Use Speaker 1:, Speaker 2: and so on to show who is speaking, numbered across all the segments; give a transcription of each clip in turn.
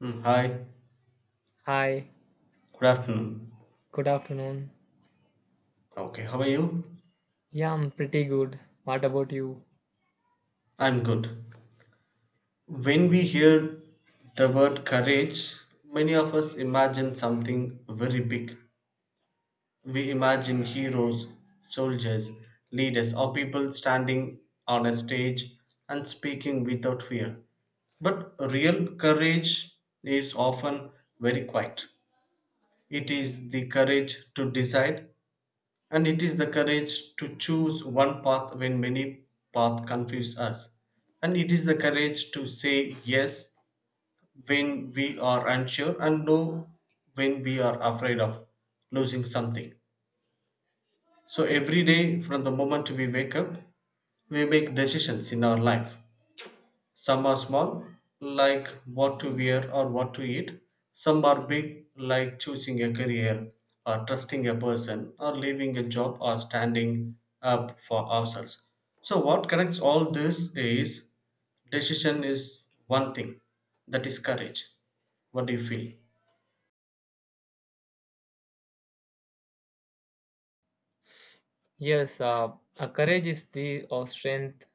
Speaker 1: Hi,
Speaker 2: Hi,
Speaker 1: good afternoon.
Speaker 2: good afternoon.
Speaker 1: Okay, how are you?
Speaker 2: Yeah, I'm pretty good. What about you?
Speaker 1: I'm good. When we hear the word courage, many of us imagine something very big. We imagine heroes, soldiers, leaders, or people standing on a stage and speaking without fear. But real courage is often very quiet. It is the courage to decide, and it is the courage to choose one path when many paths confuse us. And it is the courage to say yes when we are unsure and no when we are afraid of losing something. So every day from the moment we wake up, we make decisions in our life. Some are small, like what to wear or what to eat. Some are big, like choosing a career, or trusting a person, or leaving a job, or standing up for ourselves. So, what connects all this is decision is one thing that is courage. What do you feel?
Speaker 2: Yes, courage is the strength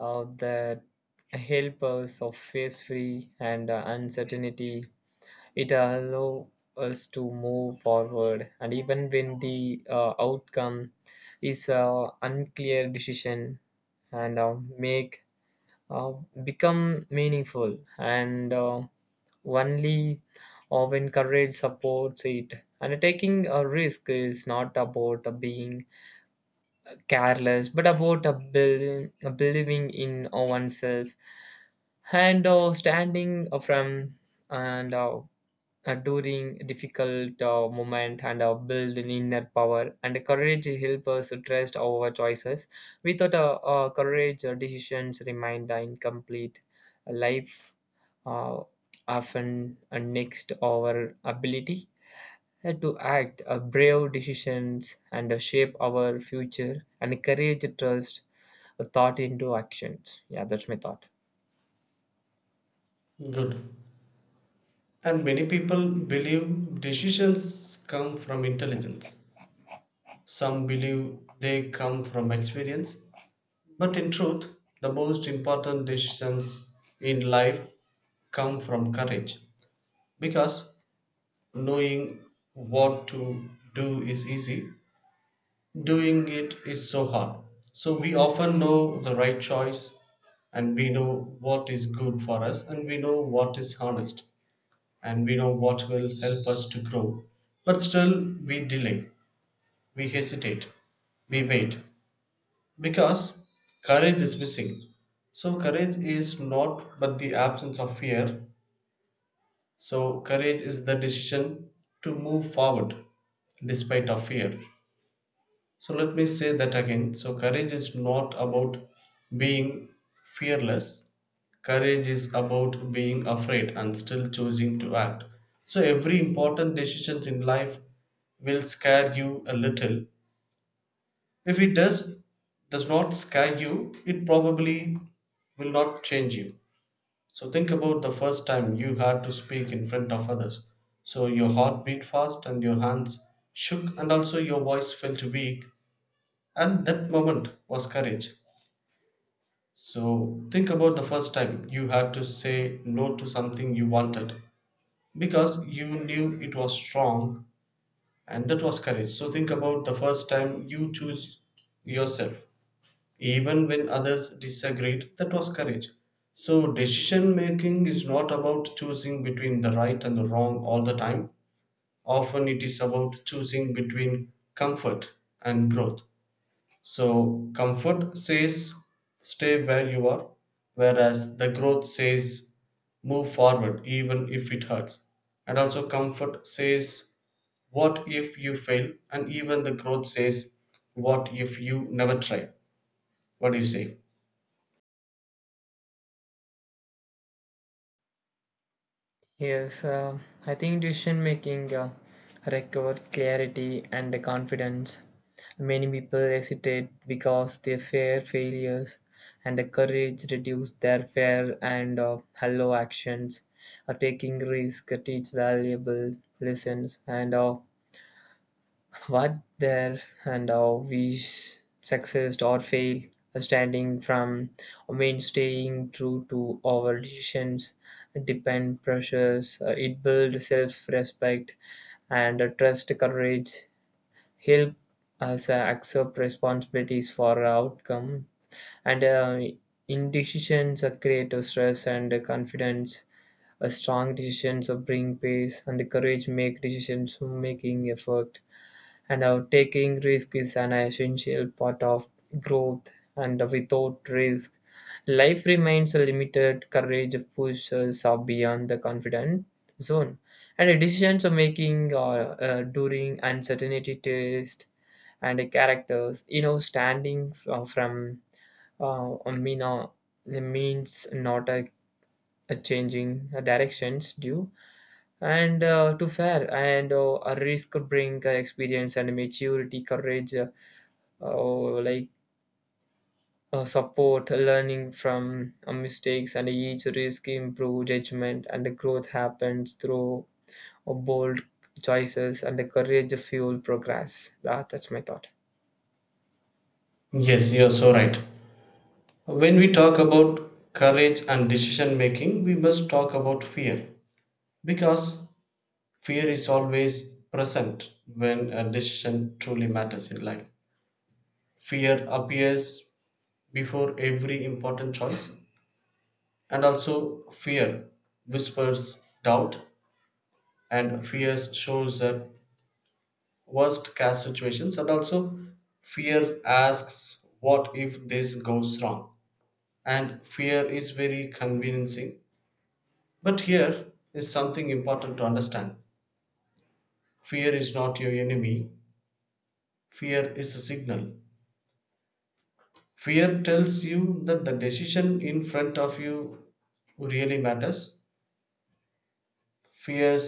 Speaker 2: that helps us of face free and uncertainty. It allows us to move forward, and even when the outcome is unclear decision, and make uh, become meaningful and only when courage supports it, and taking a risk is not about being careless but about believing in oneself and standing from and during difficult moment, and build an inner power and courage to help us trust our choices without courage. Our decisions remain the incomplete life, uh, often next our ability to act brave decisions, and shape our future, and courage trust thought into actions. Yeah, that's my thought.
Speaker 1: Good. And many people believe decisions come from intelligence. Some believe they come from experience. But in truth, the most important decisions in life come from courage because knowing what to do is easy, doing it is so hard. So we often know the right choice and we know what is good for us and we know what is honest and we know what will help us to grow. But still, we delay, we hesitate, we wait. Because courage is missing. So, courage is not but the absence of fear. So, courage is the decision to move forward despite of fear. So, let me say that again. So, courage is not about being fearless. Courage is about being afraid and still choosing to act. So, every important decision in life will scare you a little. If it does not scare you, it probably will not change you. So think about the first time you had to speak in front of others. So your heart beat fast and your hands shook and also your voice felt weak and that moment was courage. So think about the first time you had to say no to something you wanted because you knew it was strong and that was courage. So think about the first time you choose yourself even when others disagreed, that was courage. So, decision making is not about choosing between the right and the wrong all the time. Often it is about choosing between comfort and growth. So, comfort says stay where you are, whereas the growth says move forward even if it hurts. And also, comfort says what if you fail, and even the growth says what if you never try. What do you say?
Speaker 2: Yes, I think decision making requires clarity and confidence. Many people hesitate because they fear failures, and the courage reduce their fear and hello actions. Taking risk teach valuable lessons, and what there and how we succeed or fail, standing from means staying true to our decisions, depend pressures, it builds self-respect and trust, courage, help us accept responsibilities for our outcome, and indecisions create a stress and confidence. A strong decisions bring peace, and the courage make decisions making effort, and taking risk is an essential part of growth, and without risk life remains limited. Courage pushes us beyond the confident zone, and the decisions are making during uncertainty test and the characters, you know, standing from a mina means not a changing directions due and to fair, and a risk bring experience and maturity. Courage or like support learning from mistakes, and each risk improve judgment, and the growth happens through bold choices, and the courage fuel progress. That's my thought.
Speaker 1: Yes, you're so right. When we talk about courage and decision making, we must talk about fear because fear is always present when a decision truly matters in life. Fear appears before every important choice, and also fear whispers doubt, and fear shows up worst case situations, and also fear asks, what if this goes wrong? And fear is very convincing. But here is something important to understand: fear is not your enemy, fear is a signal. Fear tells you that the decision in front of you really matters. Fear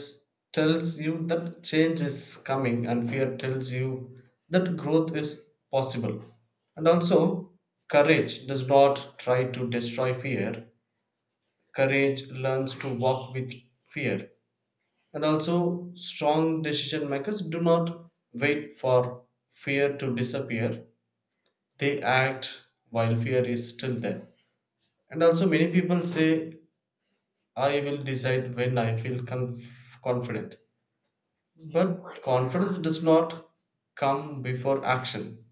Speaker 1: tells you that change is coming, and fear tells you that growth is possible. And also, courage does not try to destroy fear, courage learns to walk with fear. And also, strong decision makers do not wait for fear to disappear, they act while fear is still there. And also, many people say, I will decide when I feel confident. But confidence does not come before action,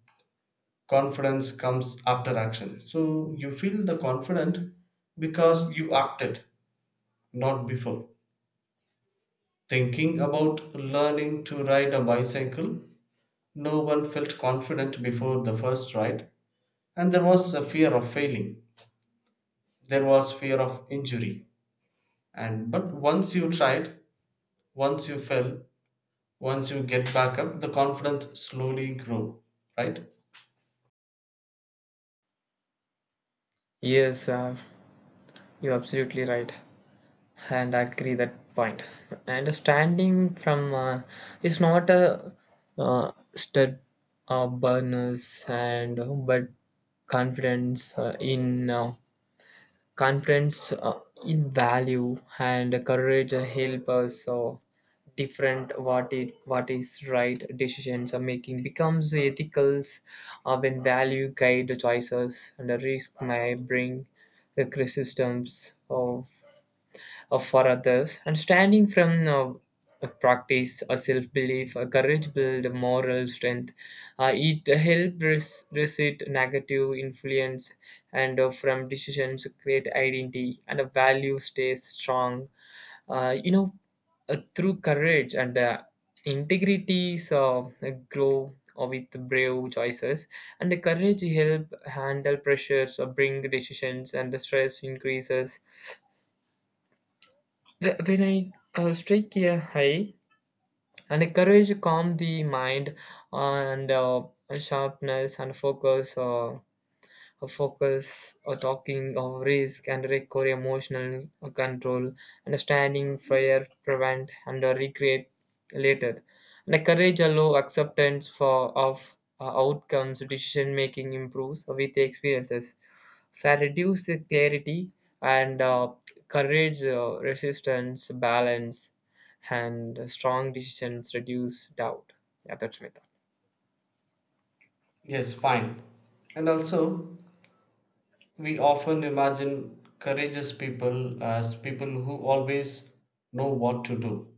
Speaker 1: confidence comes after action. So, you feel the confident because you acted, not before. Thinking about learning to ride a bicycle. No one felt confident before the first ride, and there was a fear of failing. There was fear of injury. And but once you tried, once you fell, once you get back up, the confidence slowly grew. Right?
Speaker 2: Yes, you're absolutely right, and I agree that point. Understanding from is not a stud burners and but confidence uh, in uh, confidence in value, and courage help us different what is right. Decisions are making becomes ethical when value guide the choices, and the risk may bring the criticisms uh, for others. And standing from a practice, a self belief, a courage build, moral strength. It helps resist negative influence, and from decisions, create identity, and a value stays strong. You know, through courage and integrity, so grow with brave choices, and the courage help handle pressures or bring decisions, and the stress increases. When I strike a high, and a courage calm the mind, and sharpness and focus. A focus, a talking of risk and recovery, emotional control, understanding, fear, prevent, and recreate later. And a courage allow acceptance for of outcomes, decision making improves with the experiences. Fair reduce the clarity and courage, resistance, balance, and strong decisions reduce doubt. Yeah, that's my thought.
Speaker 1: Yes, fine. And also, we often imagine courageous people as people who always know what to do.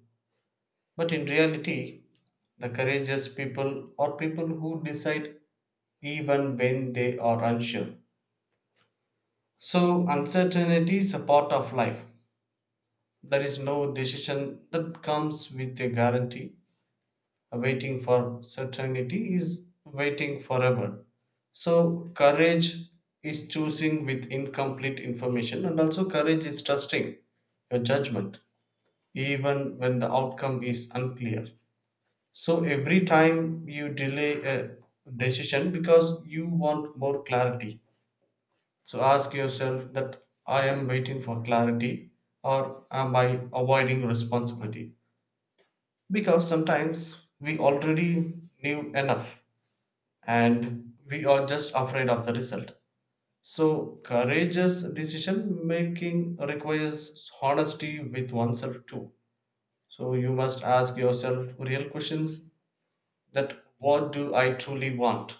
Speaker 1: But in reality, the courageous people are people who decide even when they are unsure. So, uncertainty is a part of life. There is no decision that comes with a guarantee. Waiting for certainty is waiting forever. So, courage is choosing with incomplete information, and also, courage is trusting your judgment even when the outcome is unclear. So, every time you delay a decision because you want more clarity, so ask yourself that I am waiting for clarity or am I avoiding responsibility? Because sometimes we already knew enough and we are just afraid of the result. So courageous decision making requires honesty with oneself too. So you must ask yourself real questions that what do I truly want?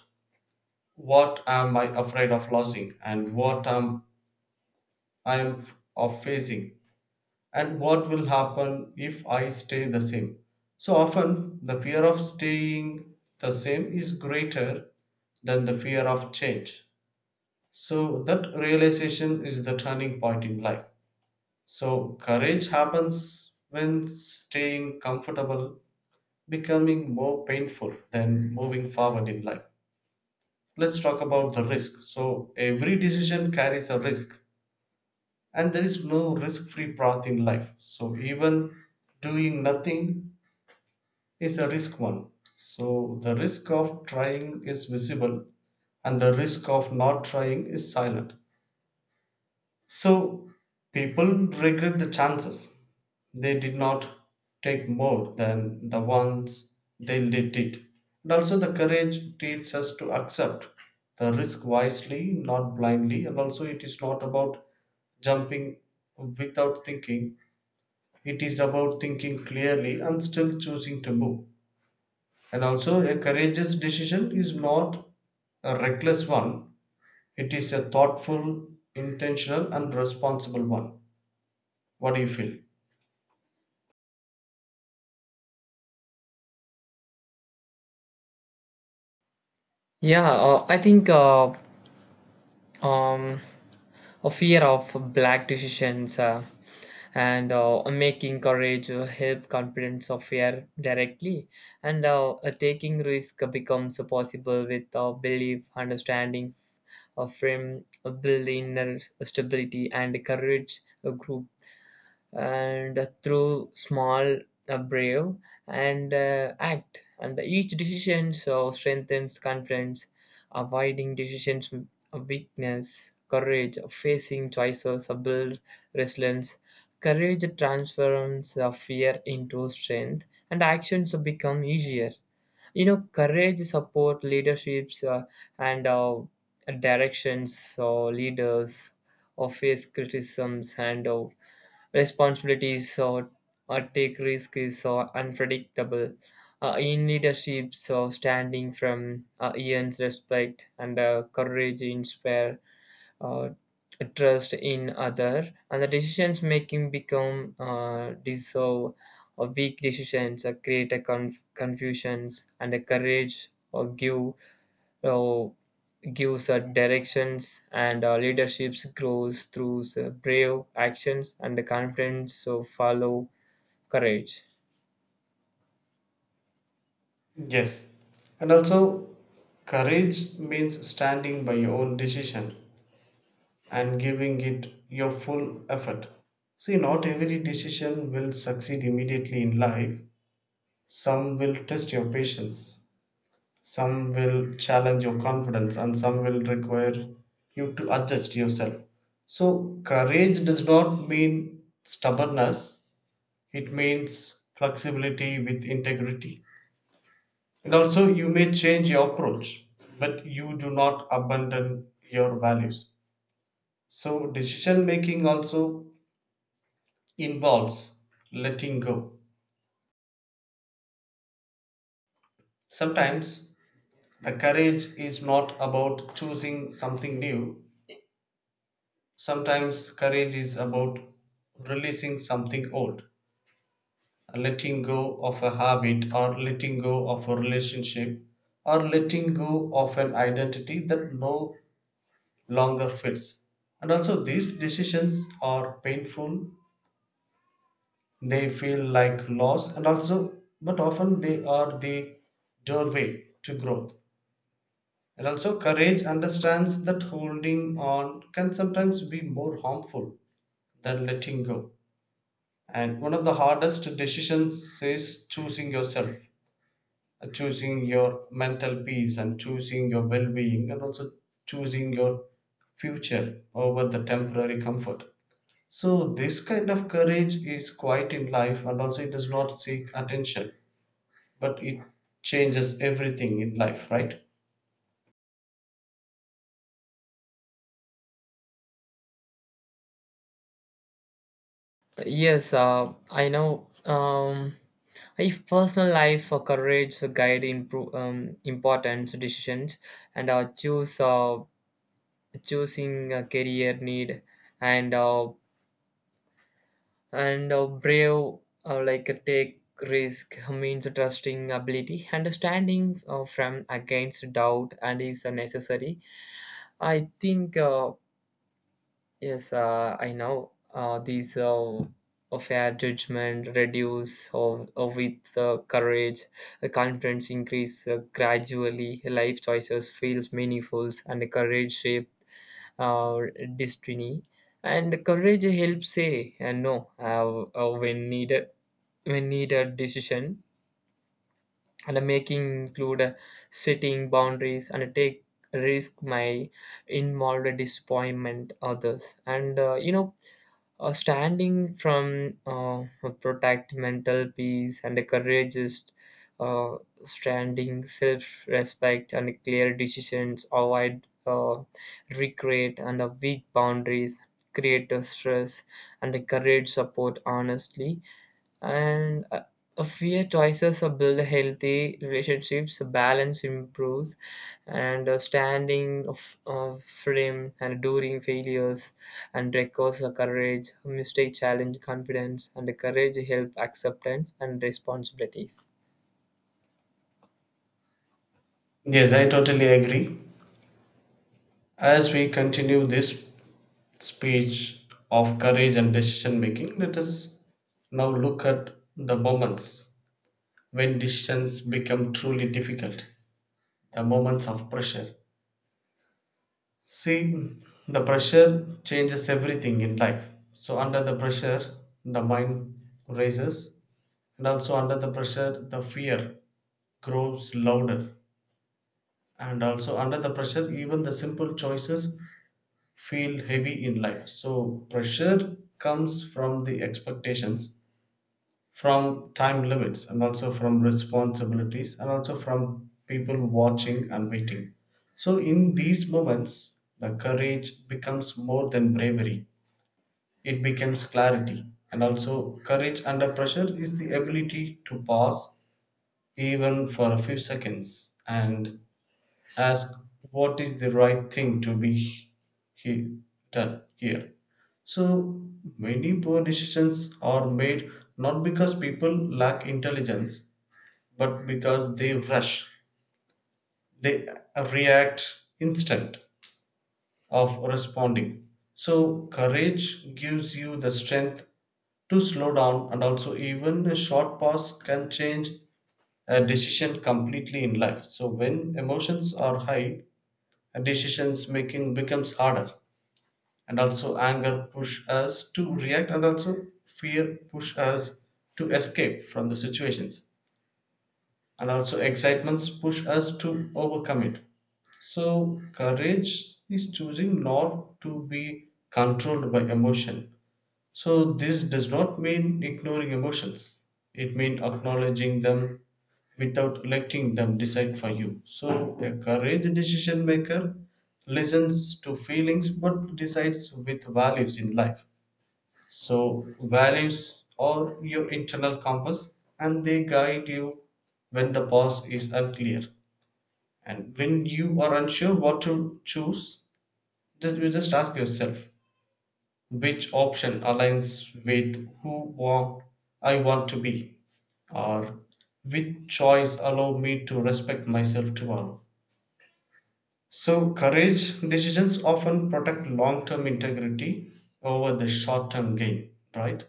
Speaker 1: What am I afraid of losing and what am I am of facing? And what will happen if I stay the same. So often, the fear of staying the same is greater than the fear of change. So, that realization is the turning point in life. So, courage happens when staying comfortable becoming more painful than moving forward in life. Let's talk about the risk. So, every decision carries a risk, and there is no risk free path in life. So, even doing nothing is a risk one. So the risk of trying is visible and the risk of not trying is silent. So people regret the chances. They did not take more than the ones they did it. And also the courage teaches us to accept the risk wisely, not blindly. And also it is not about jumping without thinking. It is about thinking clearly and still choosing to move. And also, a courageous decision is not a reckless one, it is a thoughtful, intentional, and responsible one. What do you feel?
Speaker 2: Yeah, I think um, a fear of black decisions and making courage help confidence of fear directly and taking risk becomes possible with belief understanding of frame build inner stability and courage a group, and through small, brave, and act. And each decision so strengthens confidence, avoiding decisions of weakness, courage, of facing choices, build resilience. Courage transforms fear into strength, and actions become easier. You know, courage support leaderships and directions. So leaders or face criticisms and responsibilities or take risk is unpredictable. In leaderships, so standing from earns respect, and courage inspire uh, trust in other, and the decisions making become deserve or weak decisions create a confusions, and a courage or uh, gives directions, and leaderships grows through brave actions, and the confidence so follow courage.
Speaker 1: Yes. And also, courage means standing by your own decision and giving it your full effort. See, not every decision will succeed immediately in life, some will test your patience. Some will challenge your confidence and some will require you to adjust yourself. So, courage does not mean stubbornness, it means flexibility with integrity. And also, you may change your approach, but you do not abandon your values. So, decision making also involves letting go. Sometimes, the courage is not about choosing something new, sometimes courage is about releasing something old, letting go of a habit, or letting go of a relationship, or letting go of an identity that no longer fits. And also, these decisions are painful, they feel like loss, and also, but often they are the doorway to growth. And also, courage understands that holding on can sometimes be more harmful than letting go. And one of the hardest decisions is choosing yourself, choosing your mental peace, and choosing your well being, and also choosing your future over the temporary comfort. So, this kind of courage is quite in life, and also it does not seek attention, but it changes everything in life, right?
Speaker 2: Yes, I know, if personal life courage guide improve, important decisions and choose choosing a career need and uh, and brave take risk means trusting ability understanding from against doubt and is necessary. I think yes, I know these a fair judgment reduce or with courage confidence increase gradually life choices feels meaningful, and courage shape our destiny. And courage helps say and no when needed, decision and making include setting boundaries and take risk my involved disappointment others, and you know, standing from protect mental peace, and the courageous uh, standing self-respect and clear decisions avoid regret, and weak boundaries create a stress, and the courage support honestly, and a few choices build healthy relationships, balance improves, and standing of freedom and during failures and records, the courage mistake challenge confidence, and the courage help acceptance and responsibilities.
Speaker 1: Yes, I totally agree. As we continue this speech of courage and decision making, let us now look at the moments when decisions become truly difficult, the moments of pressure. See, the pressure changes everything in life. So, under the pressure, the mind raises, and also under the pressure, the fear grows louder. And also, under the pressure, even the simple choices feel heavy in life. So, pressure comes from the expectations from time limits and also from responsibilities and also from people watching and waiting. So, in these moments, the courage becomes more than bravery, it becomes clarity. And also, courage under pressure is the ability to pause even for a few seconds and ask what is the right thing to be he- done here. So many poor decisions are made not because people lack intelligence, but because they rush, they react instant of responding. So courage gives you the strength to slow down and also even a short pause can change a decision completely in life. So when emotions are high, decisions making becomes harder, and also anger push us to react and also fear push us to escape from the situations and also excitements push us to overcome it. So courage is choosing not to be controlled by emotion. So, this does not mean ignoring emotions, it means acknowledging them without letting them decide for you. So, a courage decision maker listens to feelings but decides with values in life. So, values are your internal compass and they guide you when the path is unclear. And when you are unsure what to choose, you just ask yourself which option aligns with who want, I want to be, or which choice allow me to respect myself tomorrow. So courage decisions often protect long-term integrity over the short-term gain, right?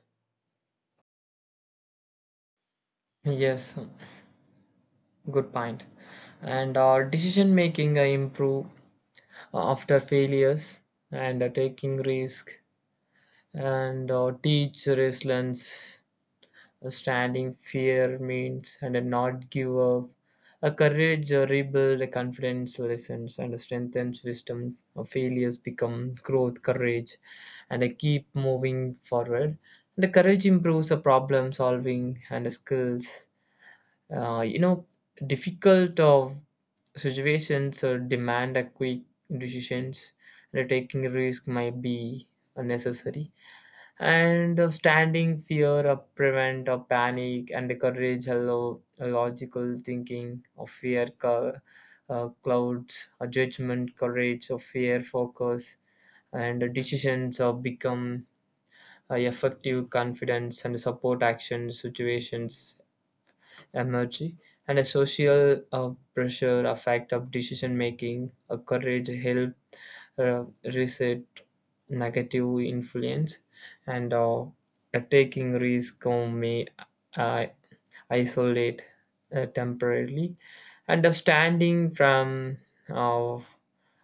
Speaker 2: Yes, good point. And our decision making improve after failures and taking risk and teach resilience. A standing fear means and a not give up. A courage rebuild, a confidence lessens and a strengthens wisdom. A failures become growth, courage, and a keep moving forward. And the courage improves a problem solving and a skills. You know, difficult of situations demand a quick decisions. And a taking risk might be unnecessary, and standing fear prevent a panic, and the courage hello a logical thinking of fear clouds a judgment. Courage of fear focus, and the decisions of become effective confidence and support action situations emerge, and a social pressure affect of decision making. A courage help uh, reset negative influence, and taking risk may uh, isolate temporarily. Understanding from uh,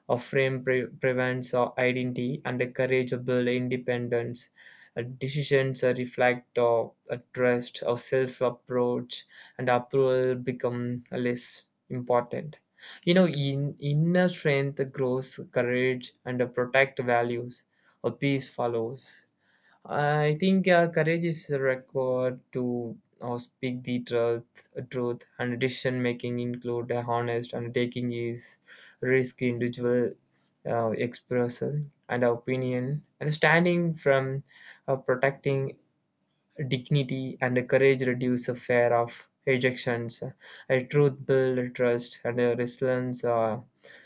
Speaker 2: a frame prevents identity and encourageable independence. Decisions reflect a trust, a self approach, and approval become less important. You know, inner strength grows courage, and protect values. A peace follows. I think courage is required to speak the truth, truth, and decision making include honest and taking is risk individual expressing and opinion, and standing from protecting dignity, and courage reduce the fear of rejections. A truth build trust, and a resilience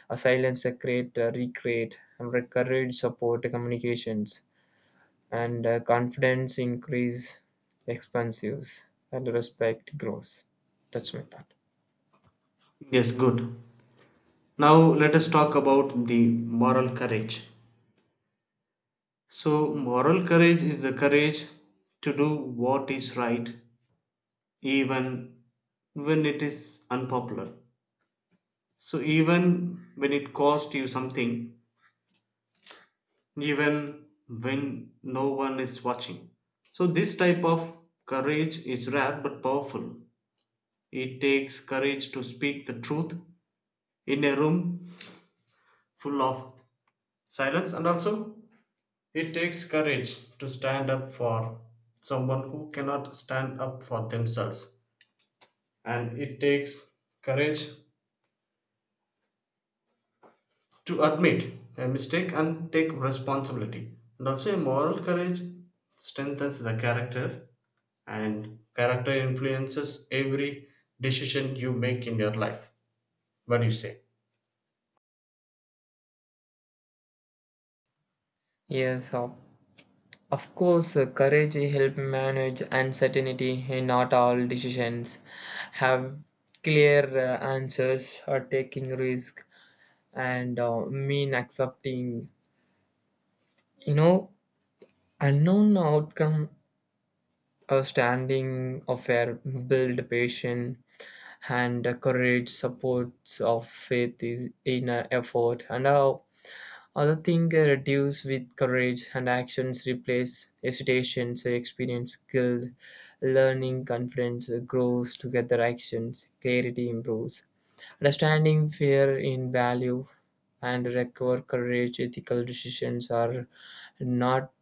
Speaker 2: a silence create recreate and courage support communications, and confidence increase expansives and respect grows. That's my thought.
Speaker 1: Yes, good. Now let us talk about the moral courage. So, moral courage is the courage to do what is right even when it is unpopular. So even when it cost you something, even when no one is watching. So this type of courage is rare but powerful. It takes courage to speak the truth in a room full of silence, and also it takes courage to stand up for someone who cannot stand up for themselves, and it takes courage to admit a mistake and take responsibility. And also a moral courage strengthens the character and character influences every decision you make in your life. What do you say?
Speaker 2: Yes, of course, courage helps manage uncertainty. Not all decisions have clear answers or taking risk and mean accepting, you know, unknown outcome or standing affair, build patience, and courage supports of faith is inner effort, and other things reduce with courage, and actions replace hesitation. So experience, guilt, learning, confidence grows together, actions, clarity improves. Understanding fear in value and recover courage, ethical decisions are not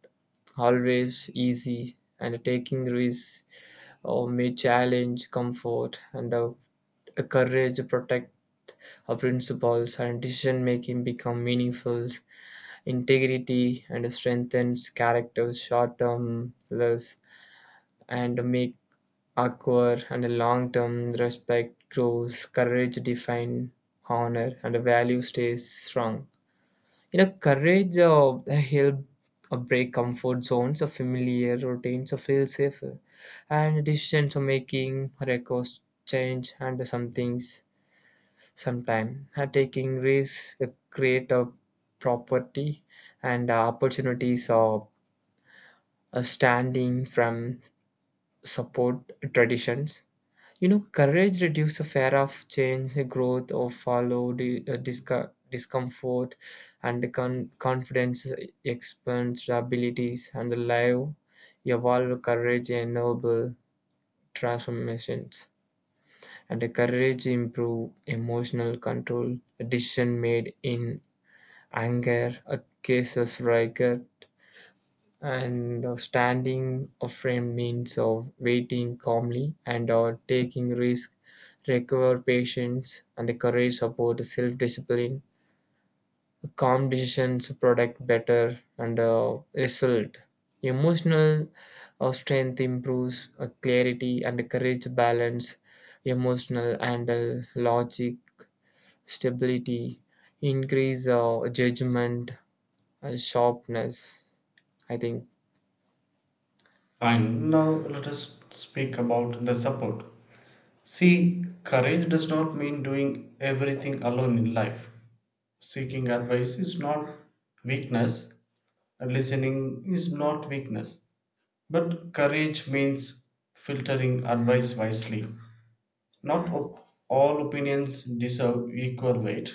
Speaker 2: always easy, and taking risks or may challenge comfort, and courage protect our principles, and decision making become meaningful integrity and strengthens characters short term less and make acquire and long term respect grows. Courage define honor, and value stays strong. You know, courage help break comfort zones of familiar routines of feel safer, and decisions of making records change and some things sometime. Taking risks create a property and opportunities of standing from support traditions. You know, courage reduces the fear of change, growth, or follow the discomfort, and confidence expands abilities, and the evolve courage enable transformations. And the courage improve emotional control, a decision made in anger, a cases rigor, and standing a frame means of waiting calmly, and taking risk require patience, and the courage support self-discipline. Calm decisions product better, and result emotional strength improves clarity, and the courage balance emotional and logic stability increase judgment sharpness, I think.
Speaker 1: Fine. Now let us speak about the support. See, courage does not mean doing everything alone in life. Seeking advice is not weakness and listening is not weakness, but courage means filtering advice wisely. Not all opinions deserve equal weight.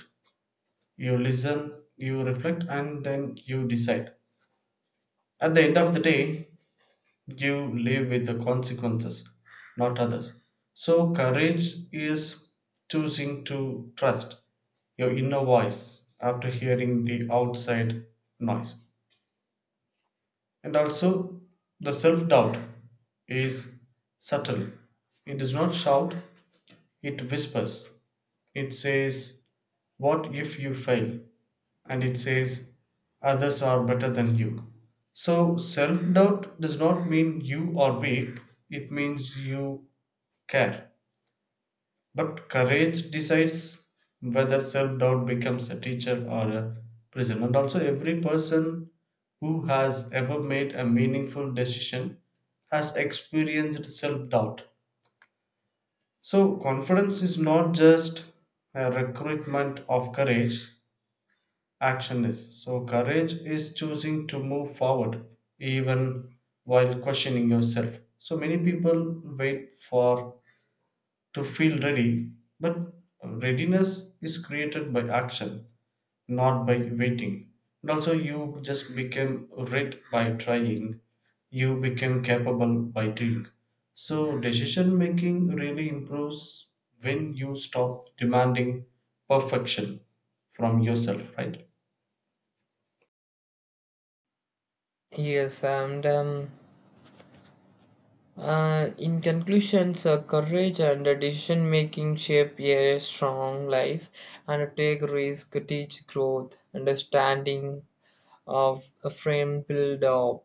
Speaker 1: You listen, you reflect, and then you decide. At the end of the day, you live with the consequences, not others. So, courage is choosing to trust your inner voice after hearing the outside noise. And also, the self doubt is subtle. It does not shout, it whispers. It says, what if you fail, and it says, others are better than you? So, self doubt does not mean you are weak, it means you care. But courage decides whether self doubt becomes a teacher or a prison. And also, every person who has ever made a meaningful decision has experienced self doubt. So, confidence is not just a recruitment of courage, action is. So, courage is choosing to move forward even while questioning yourself. So, many people wait for to feel ready, but readiness is created by action, not by waiting. And also, you just became read by trying, you became capable by doing. So, decision making really improves when you stop demanding perfection from yourself, right?
Speaker 2: Yes, and in conclusions, courage and decision making shape a strong life, and take risk, teach growth, understanding of a frame build of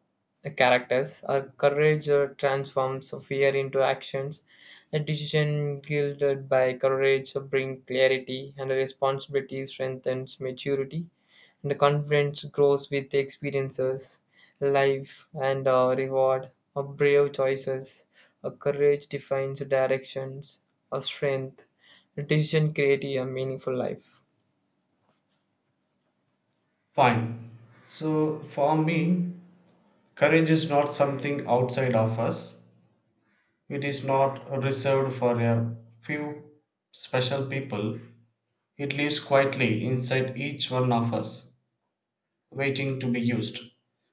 Speaker 2: characters. Courage transforms fear into actions. A decision guided by courage bring clarity, and responsibility strengthens maturity. The confidence grows with experiences, life, and a reward of brave choices. A courage defines directions, a strength, a decision creating a meaningful life.
Speaker 1: Fine. So, for me, courage is not something outside of us. It is not reserved for a few special people. It lives quietly inside each one of us, waiting to be used.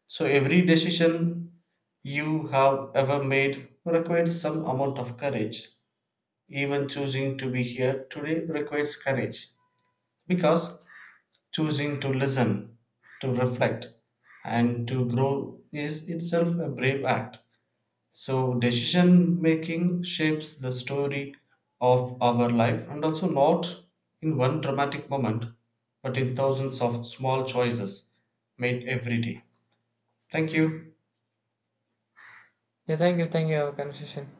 Speaker 1: So, every decision you have ever made requires some amount of courage. Even choosing to be here today requires courage because choosing to listen, to reflect, and to grow is itself a brave act. So, decision making shapes the story of our life and also not in one dramatic moment, but in thousands of small choices made every day. Thank you.
Speaker 2: Yeah, thank you, thank you for our conversation.